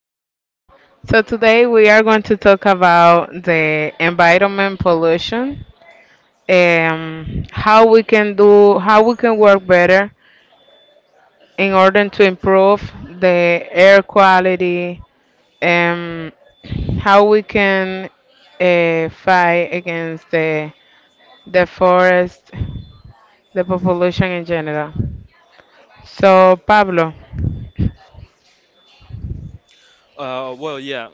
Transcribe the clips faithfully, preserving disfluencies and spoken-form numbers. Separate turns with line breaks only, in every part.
podcast. So today we are going to talk about the environment pollution, um, how we can do, how we can work better in order to improve the air quality, and how we can uh, fight against the the forest, the population in general. So Pablo,
Uh, well, yeah.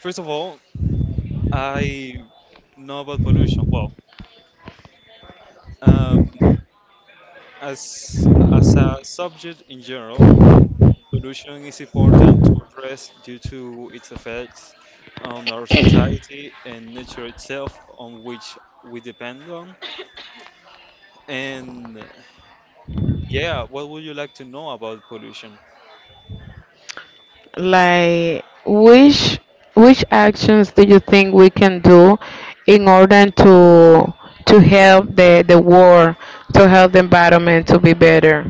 First of all, I know about pollution. Well, um, as as a subject in general, pollution is important to address due to its effects on our society and nature itself, on which we depend on. And yeah, what would you like to know about pollution?
like, which which actions do you think we can do in order to to help the the world, to help the environment to be better?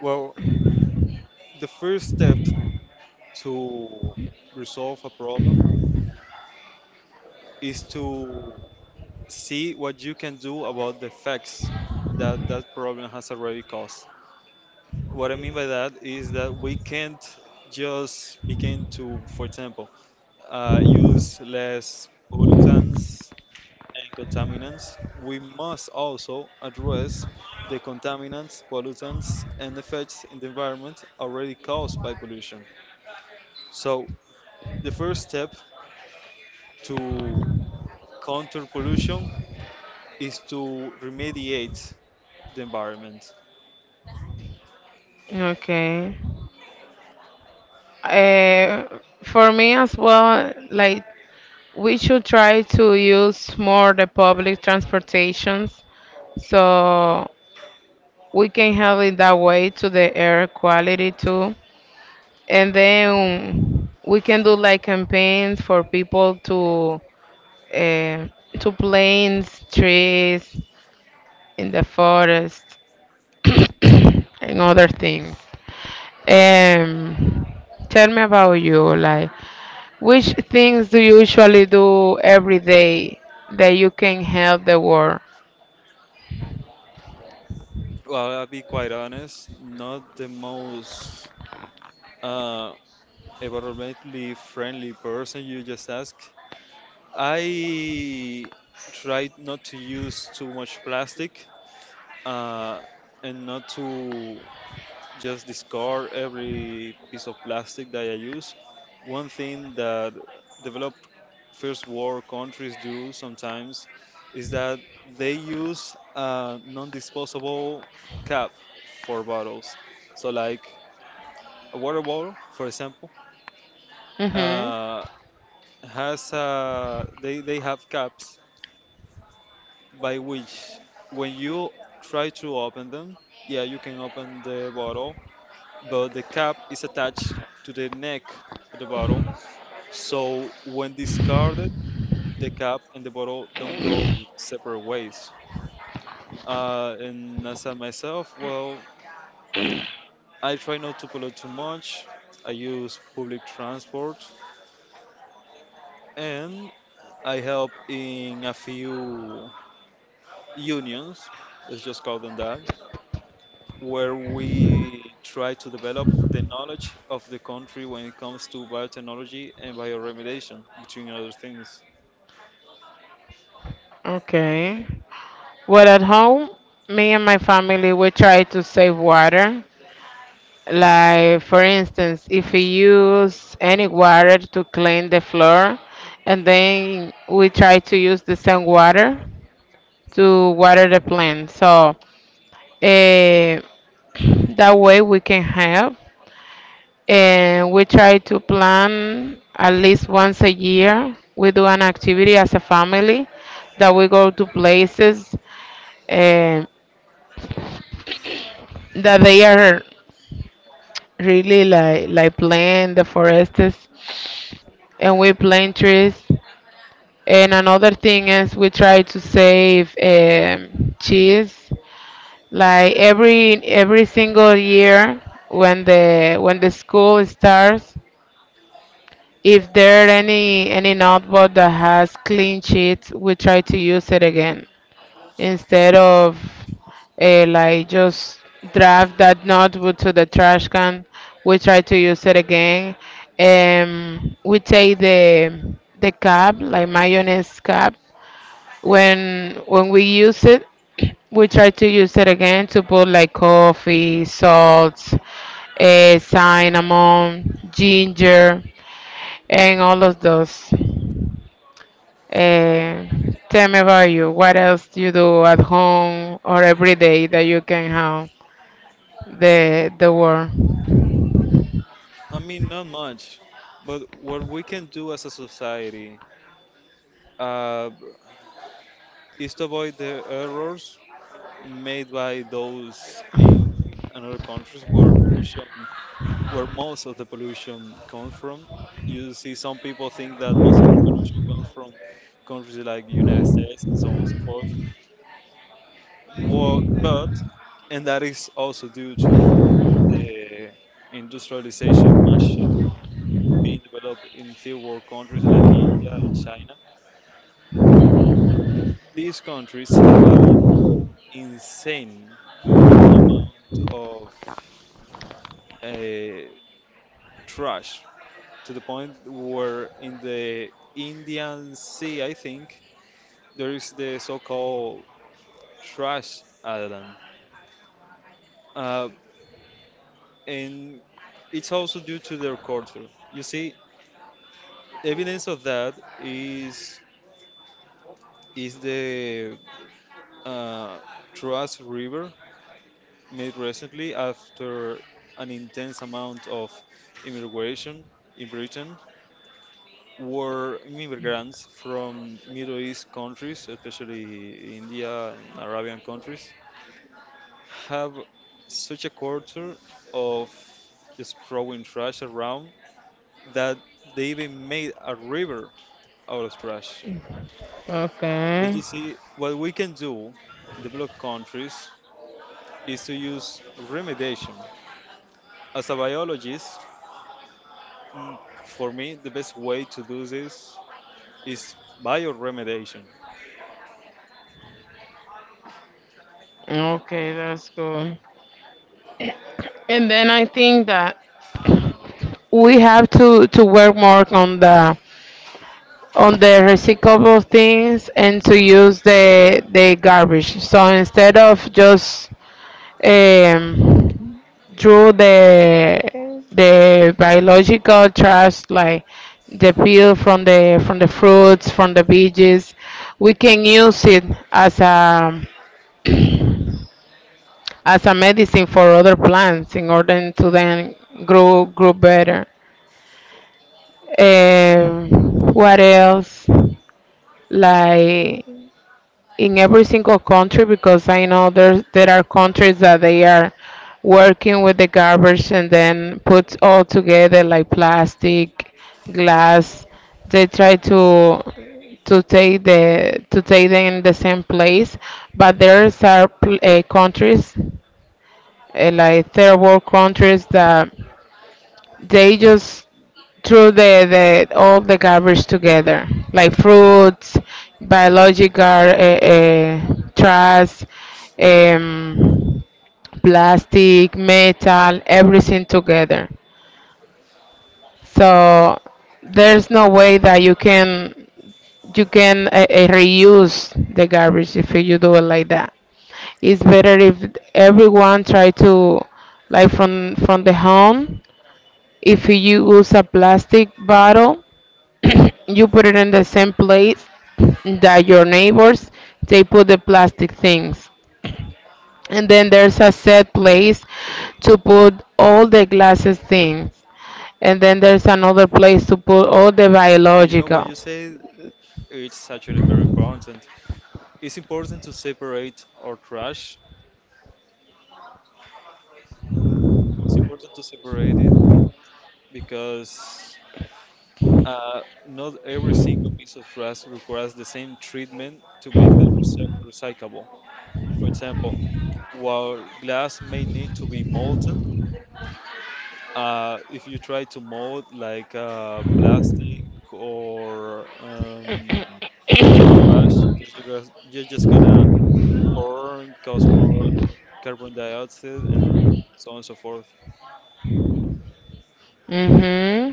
Well, the first step to resolve a problem is to see what you can do about the effects that that problem has already caused. What I mean by that is that we can't just begin to, for example, uh, use less pollutants and contaminants. We must also address the contaminants, pollutants, and effects in the environment already caused by pollution. So, the first step to counter pollution is to remediate the environment.
Okay. Uh, for me as well, like we should try to use more the public transportations so we can help in that way to the air quality too. And then we can do like campaigns for people to uh, to planes, trees in the forest, and other things. Um, Tell me about you. Like, which things do you usually do every day that you can help the world?
Well, I'll be quite honest, not the most uh, environmentally friendly person you just asked. I try not to use too much plastic, uh, and not to just discard every piece of plastic that I use. One thing that developed first world countries do sometimes is that they use a non disposable cap for bottles. So, like, a water bottle, for example,
Mm-hmm.
uh, has uh, they they have caps by which when you try to open them, yeah, you can open the bottle, but the cap is attached to the neck of the bottle. So when discarded, the cap and the bottle don't go separate ways. Uh, and as I myself, well, I try not to pollute too much. I use public transport and I help in a few unions, let's just call them that, where we try to develop the knowledge of the country when it comes to biotechnology and bioremediation, between other things.
Okay. Well, at home, me and my family we try to save water. Like, for instance, if we use any water to clean the floor, and then we try to use the same water to water the plant. So, eh, that way we can help. And we try to plan at least once a year. We do an activity as a family that we go to places, eh, that they are really like like plant the forests, and we plant trees. And another thing is we try to save um, cheese. Like every every single year, when the when the school starts, if there are any any notebook that has clean sheets, we try to use it again instead of uh, like just draft that notebook to the trash can. We try to use it again. Um, we take the the cap, like mayonnaise cap, when when we use it we try to use it again to put like coffee salt, uh, cinnamon ginger and all of those. uh, Tell me about you, what else do you do at home or every day that you can have the the word.
I mean, not much, but what we can do as a society uh, is to avoid the errors made by those in another countries where pollution, where most of the pollution comes from. You see, some people think that most of the pollution comes from countries like the United States and so on and so forth. Well, but and that is also due to the industrialization machine being developed in third world countries like India and China. These countries have an insane amount of uh, trash, to the point where in the Indian Sea, I think, there is the so-called trash island, uh, and it's also due to their culture. You see, evidence of that is is the uh, Truas River made recently after an intense amount of immigration in Britain, were immigrants from Middle East countries, especially India and Arabian countries, have such a culture of just throwing trash around that they even made a river out of trash. But
Okay.
you see, what we can do in developed countries is to use remediation. As a biologist, mm, for me, the best way to do this is bioremediation.
Okay, that's cool. And then I think that we have to to work more on the on the recyclable things and to use the the garbage. So instead of just um, throw the the biological trash, like the peel from the from the fruits, from the veggies, we can use it as a as a medicine for other plants in order to then grow grow better. Um, what else? Like in every single country, because I know there's there are countries that they are working with the garbage and then put all together like plastic, glass. They try to to take the to take them in the same place, but there's are pl- uh, countries, uh, like third world countries, that they just threw the, the all the garbage together, like fruits, biological uh, uh, trash, um, plastic, metal, everything together. So there's no way that you can you can uh, uh, reuse the garbage if you do it like that. It's better if everyone try to like from from the home. If you use a plastic bottle, you put it in the same place that your neighbors they put the plastic things, and then there's a set place to put all the glasses things, and then there's another place to put all the
And you know what
biological.
you say? It's actually very important. It's important to separate our trash. It's important to separate it because Uh, not every single piece of trash requires the same treatment to make them recy- recyclable. For example, while glass may need to be molten, uh, if you try to mold like uh, plastic or um, paper trash, you're ju- gonna- you're just gonna burn, cause more carbon dioxide, and so on and so forth.
Hmm.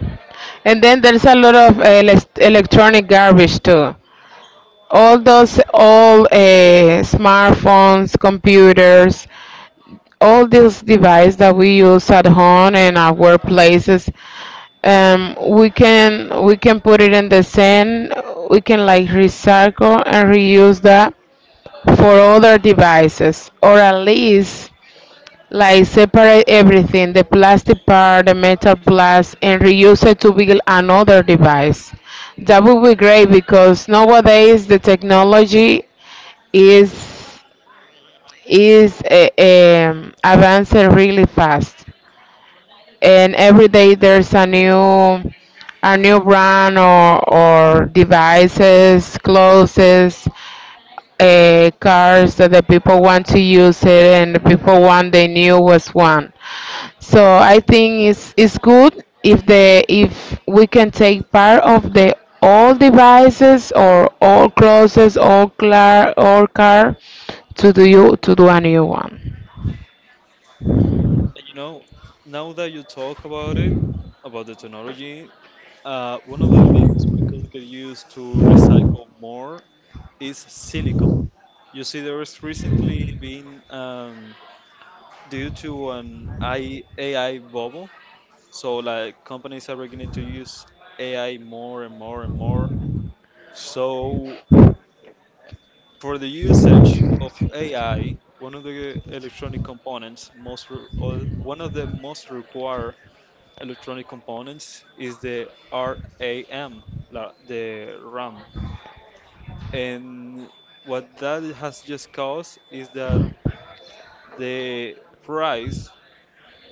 And then there's a lot of elec electronic garbage too, all those all uh, smartphones, computers, all these devices that we use at home and our workplaces. Um, we can we can put it in the sand. We can like recycle and reuse that for other devices, or at least like separate everything, the plastic part, the metal parts, and reuse it to build another device. That would be great because nowadays the technology is is uh, um, advancing really fast, and every day there's a new a new brand or or devices, clothes, uh, cars that the people want to use it, and the people want they knew was one. So I think it's it's good if the if we can take part of the all devices or all clothes, all car, all car to do you to do a new one.
And you know, now that you talk about it, about the technology, Uh, one of the things we could get used to recycle more is silicon. You see, there is recently been, um, due to an I A I bubble, so like companies are beginning to use A I more and more and more. So for the usage of A I, one of the electronic components most re- or one of the most required electronic components is the RAM, la- the RAM. And what that has just caused is that the price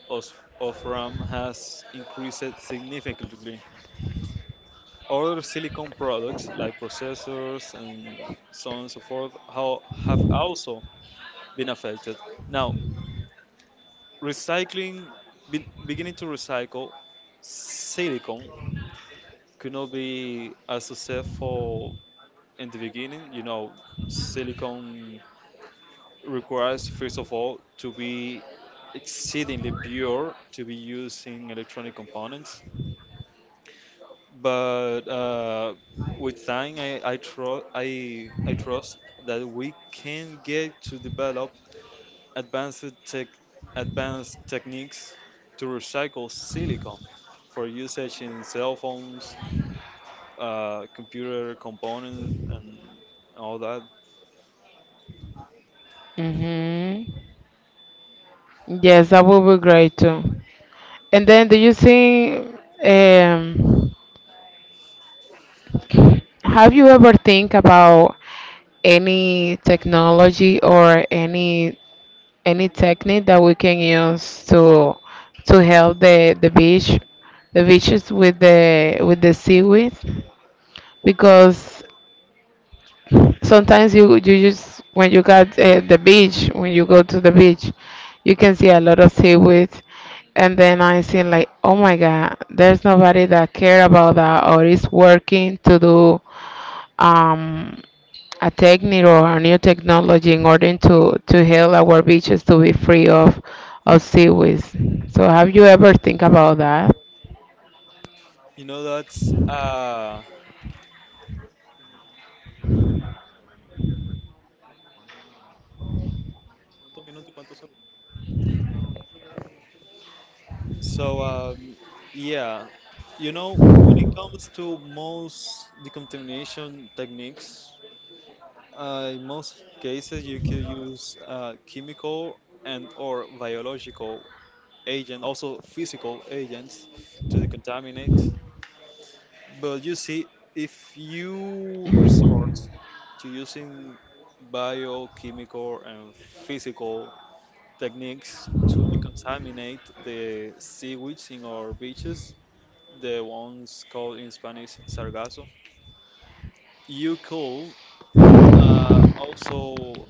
of, of RAM has increased significantly. Other silicon products like processors and so on and so forth how, have also been affected. Now, recycling, be, beginning to recycle silicon could not be as successful in the beginning. You know, silicon requires, first of all, to be exceedingly pure to be used in electronic components. But uh, with time, I, I, tro- I, I trust that we can get to develop advanced, tech, advanced techniques to recycle silicon for usage in cell phones, uh, computer components, and all that.
Hmm. Yes, that would be great too. And then, do you think, um, have you ever think about any technology or any any technique that we can use to to help the the beach, the beaches with the with the seaweed? Because sometimes you you just when you got uh, the beach, when you go to the beach, you can see a lot of seaweed. And then I see like, oh my God, there's nobody that care about that or is working to do um, a technique or a new technology in order to to help our beaches to be free of of seaweeds. So have you ever think about that?
You know, that's. Uh, So, um, yeah, you know, when it comes to most decontamination techniques, uh, in most cases you could use uh, chemical and or biological agent, also physical agents to decontaminate. But you see, if you resort to using biochemical and physical techniques to decontaminate the seaweeds in our beaches, the ones called in Spanish sargazo. You could uh, also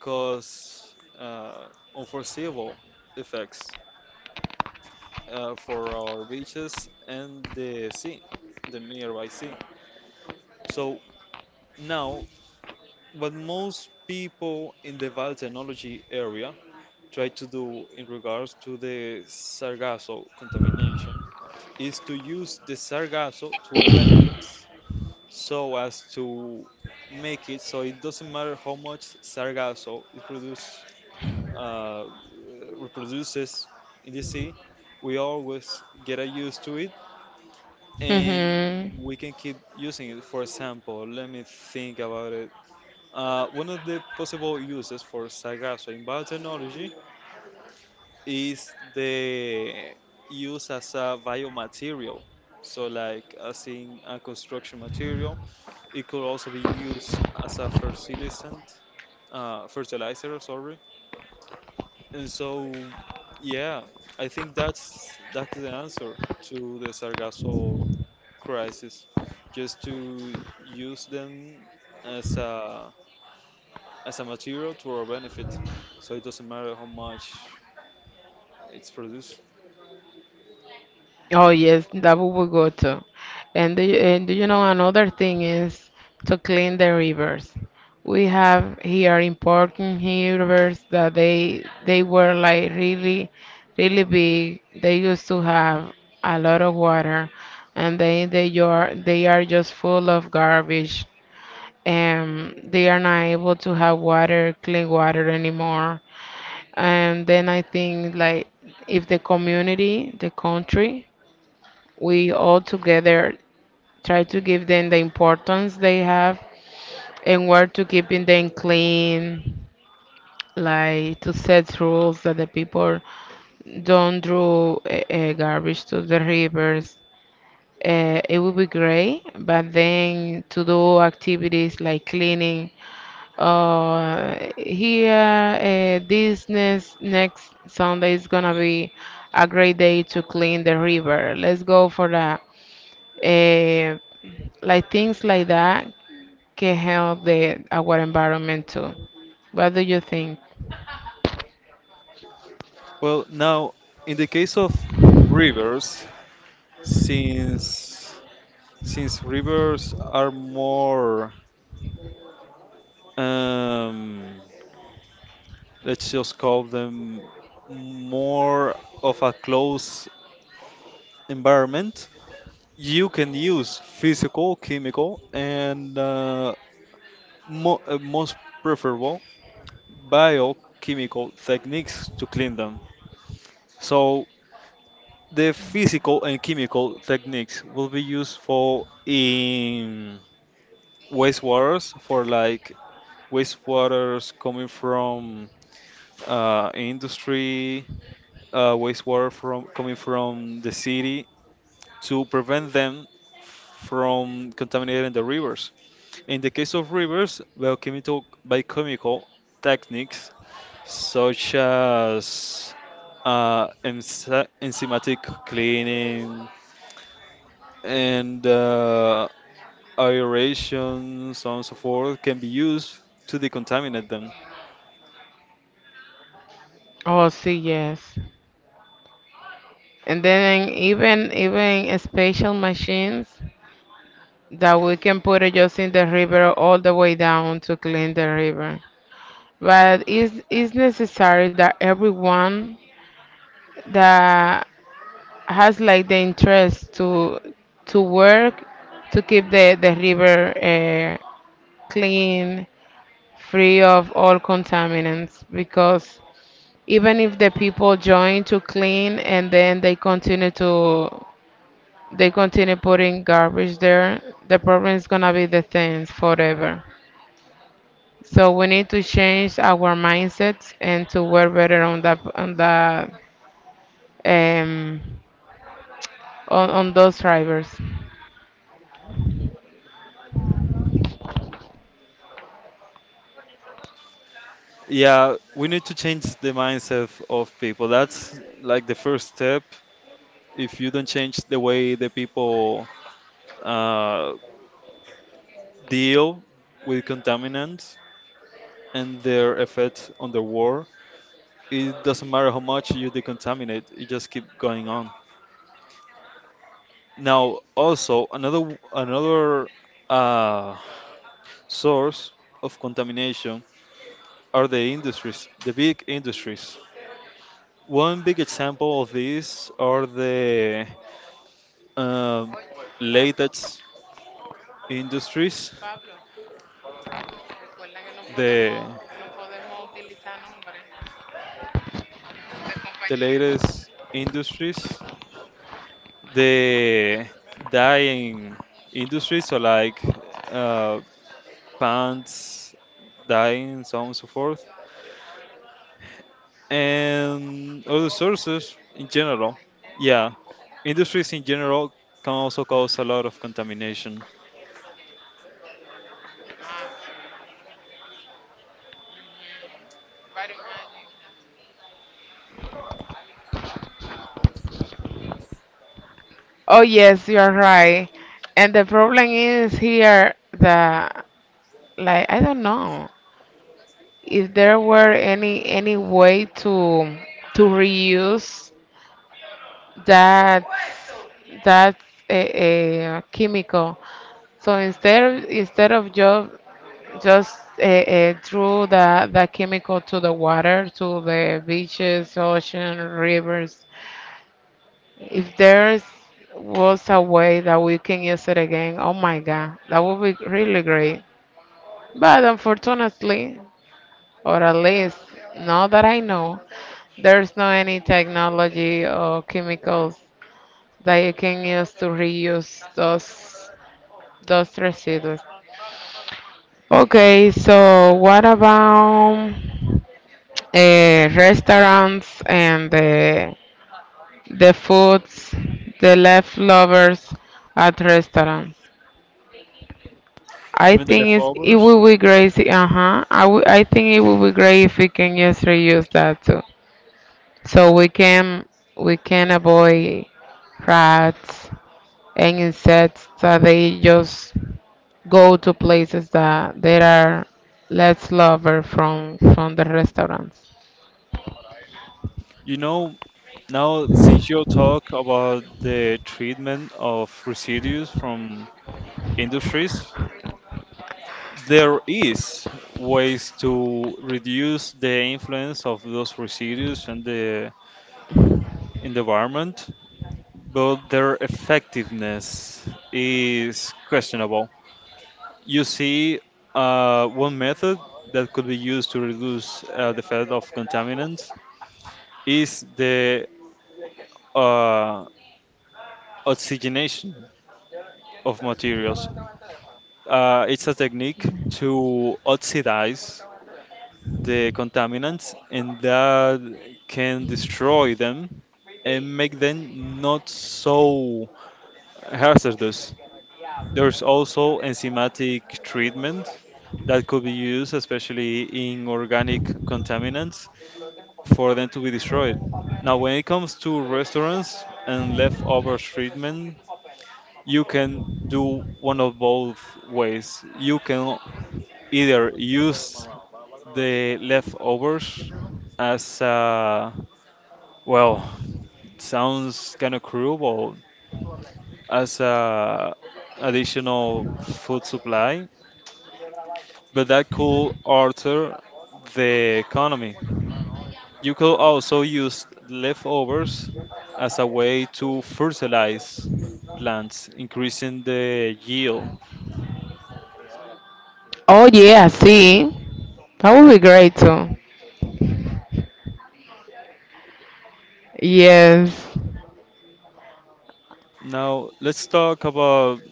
cause uh, unforeseeable effects uh, for our beaches and the sea, the nearby sea. So now, what most people in the biotechnology area try to do in regards to the sargasso contamination is to use the sargasso to our benefits so as to make it so it doesn't matter how much sargasso it produce, uh, reproduces in the sea. We always get used to it and
Hmm.
we can keep using it. For example, let me think about it. Uh, one of the possible uses for sargasso in biotechnology is the use as a biomaterial. So, like as in a construction material, it could also be used as a fertilisant, uh, fertilizer, sorry. And so, yeah, I think that's that's the answer to the Sargasso crisis. Just to use them as a as a material to our benefit, so it doesn't matter how much it's produced.
Oh yes, that we will go to. And do you, and do you know another thing is to clean the rivers. We have here important rivers that they they were like really really big. They used to have a lot of water, and they they are they are just full of garbage. And they are not able to have water, clean water anymore. And then I think like if the community, the country, we all together try to give them the importance they have and work to keeping them clean, like to set rules that the people don't throw uh, garbage to the rivers. Uh, it would be great, but then to do activities like cleaning, uh, here, uh, this next, next Sunday is gonna be a great day to clean the river. Let's go for that. Eh, like things like that can help the our environment too. What do you think?
Well, now in the case of rivers, since since rivers are more, um, let's just call them, more of a close environment, you can use physical, chemical, and uh, mo- uh, most preferable biochemical techniques to clean them. So the physical and chemical techniques will be useful in wastewaters for like wastewaters coming from uh, industry, uh, wastewater from coming from the city, to prevent them from contaminating the rivers. In the case of rivers, biochemical, biochemical techniques such as uh, enzy- enzymatic cleaning and uh, aeration, so on and so forth, can be used to decontaminate them.
Oh, see, yes. And then even even special machines that we can put it just in the river all the way down to clean the river. But it's, it's necessary that everyone that has like the interest to to work to keep the, the river uh, clean, free of all contaminants, because even if the people join to clean and then they continue to they continue putting garbage there, the problem is going to be the things forever. So we need to change our mindsets and to work better on that on the um on, on those drivers.
Yeah, we need to change the mindset of people. That's like the first step. If you don't change the way the people uh, deal with contaminants and their effects on the world. It doesn't matter how much you decontaminate; it just keep going on. Now, also another another uh, source of contamination are the industries, the big industries. One big example of this are the um, latest industries, the the latest industries the dyeing industry, so like uh, pants, dyeing, so on and so forth, and other sources in general. Yeah, industries in general can also cause a lot of contamination.
Oh yes, you're right. And the problem is here that like I don't know if there were any any way to to reuse that that a, uh, uh, chemical. So instead of, instead of just just uh, uh, threw the the chemical to the water, to the beaches, ocean, rivers. If there's was a way that we can use it again, oh my God, that would be really great. But unfortunately, or at least not that I know, there's no any technology or chemicals that you can use to reuse those those residues. Okay, so what about uh, restaurants and the the foods, the leftovers at restaurants? I
Even the
think it's, it
leftovers.
would be great. Uh huh. I, w- I think it would be great if we can just reuse that too. So we can we can avoid rats and insects that they just go to places that there are less lover from from the restaurants.
You know, now since you talk about the treatment of residues from industries, there is ways to reduce the influence of those residues in the in the environment, but their effectiveness is questionable. You see, uh, one method that could be used to reduce uh, the effect of contaminants is the uh, oxygenation of materials. Uh, it's a technique to oxidize the contaminants, and that can destroy them and make them not so hazardous. There's also enzymatic treatment that could be used, especially in organic contaminants, for them to be destroyed. Now, when it comes to restaurants and leftover treatment, you can do one of both ways. You can either use the leftovers as a, well, it sounds kind of cruel, as a additional food supply, but that could alter the economy. You could also use leftovers as a way to fertilize plants, increasing the yield.
Oh yeah, see, that would be great too. Yes,
Now, let's talk about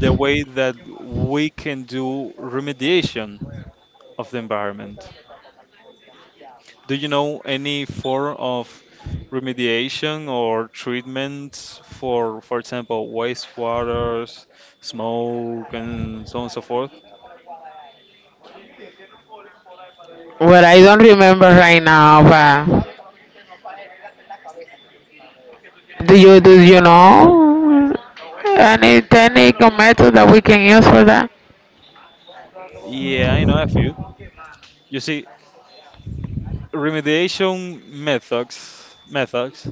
the way that we can do remediation of the environment. Do you know any form of remediation or treatment for, for example, wastewaters, smoke, and so on and so forth?
but I don't remember right now. But do you do you know any technical method that we can use for that?
Yeah, I know a few. You see, remediation methods methods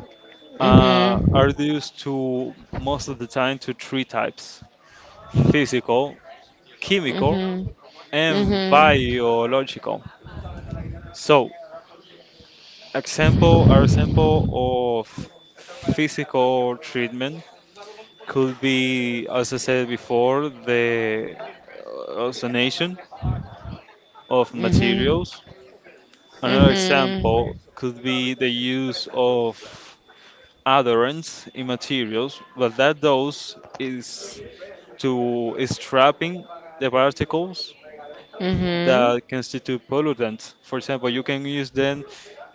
uh, are
Mhm.
used to most of the time to three types: physical, chemical,
Mhm.
and
Mhm.
biological. So, example are example of physical treatment could be, as I said before, the oxidation of
Mhm.
materials. Another
Mhm.
example could be the use of adherents in materials, but that those is to is trapping the particles
Mhm.
that constitute pollutants. For example, you can use them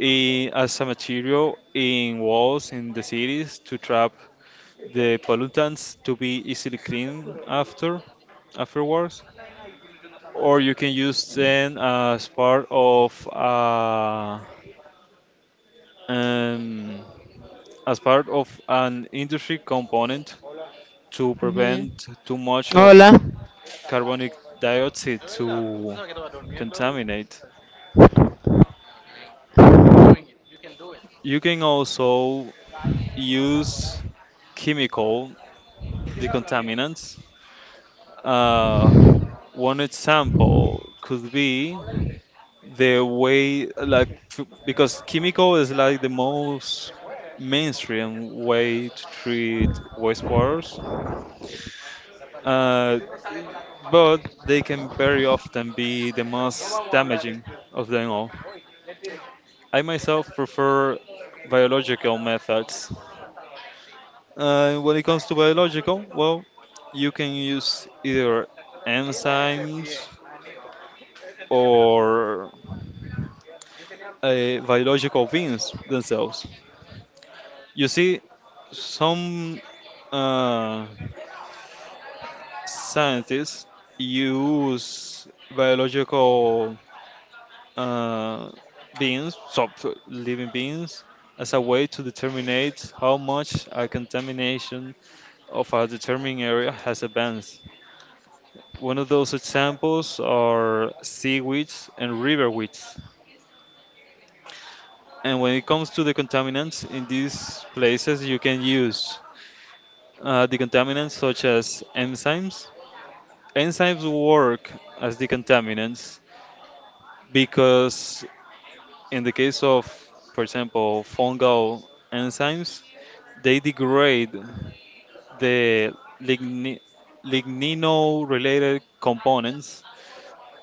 in, as a material in walls in the cities to trap the pollutants to be easily cleaned after afterwards. Or you can use them as part of uh, um, as part of an industry component to
Mhm.
prevent too much of
Hola. Mm,
carbonic dioxide to contaminate. You can also use chemical decontaminants. Uh, one example could be the way like f- because Kimiko is like the most mainstream way to treat waters, uh, but they can very often be the most damaging of them all. I myself prefer biological methods. Uh, when it comes to biological, well, you can use either enzymes or uh, biological beings themselves. You see, some uh, scientists use biological uh, beings, so so living beings, as a way to determine how much a contamination of a determined area has advanced. One of those examples are seaweeds and river weeds. And when it comes to the contaminants in these places, you can use uh, the contaminants such as enzymes. Enzymes work as decontaminants because in the case of, for example, fungal enzymes, they degrade the ligni- lignino-related components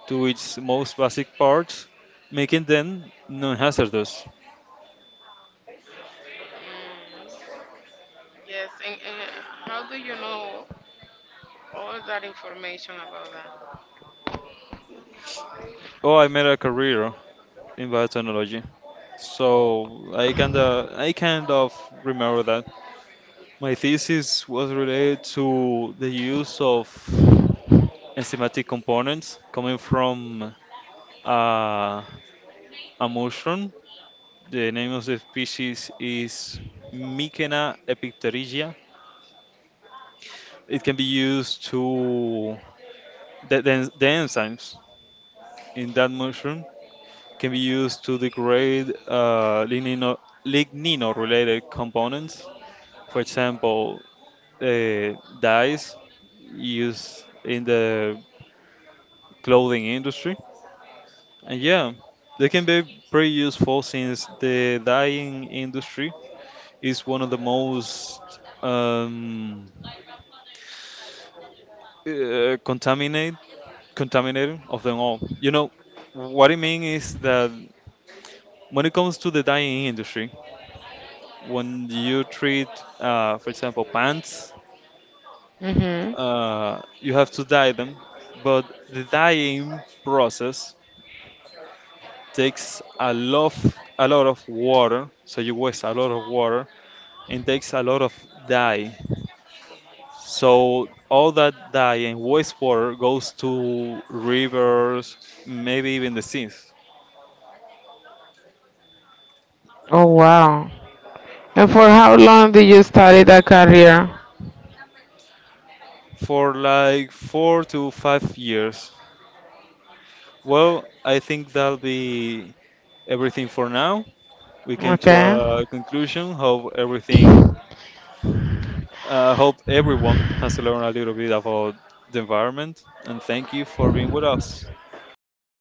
to its most basic parts, making them non-hazardous.
yes, and, and how do you know all that information about that?
Oh, I made a career in biotechnology, so I kind of I kind of remember that. My thesis was related to the use of enzymatic components coming from uh, a mushroom. The name of the species is Mycena epipterygia. It can be used to the, the, the enzymes in that mushroom can be used to degrade uh, lignino, lignino-related components. For example, uh, dyes used in the clothing industry. And yeah, they can be pretty useful since the dyeing industry is one of the most um, uh, contaminate contaminating of them all. You know what I mean is that when it comes to the dyeing industry, when you treat, uh, for example, pants,
Mhm.
uh, you have to dye them, but the dyeing process takes a lot of, a lot of water, so you waste a lot of water and takes a lot of dye. So all that dye and wastewater goes to rivers, maybe even the seas.
Oh wow. And for how long did you study that career?
For like four to five years. Well, I think that'll be everything for now. We came to
Okay.
a conclusion. Hope everything. Uh, hope everyone has learned a little bit about the environment. And thank you for being with us.
Okay.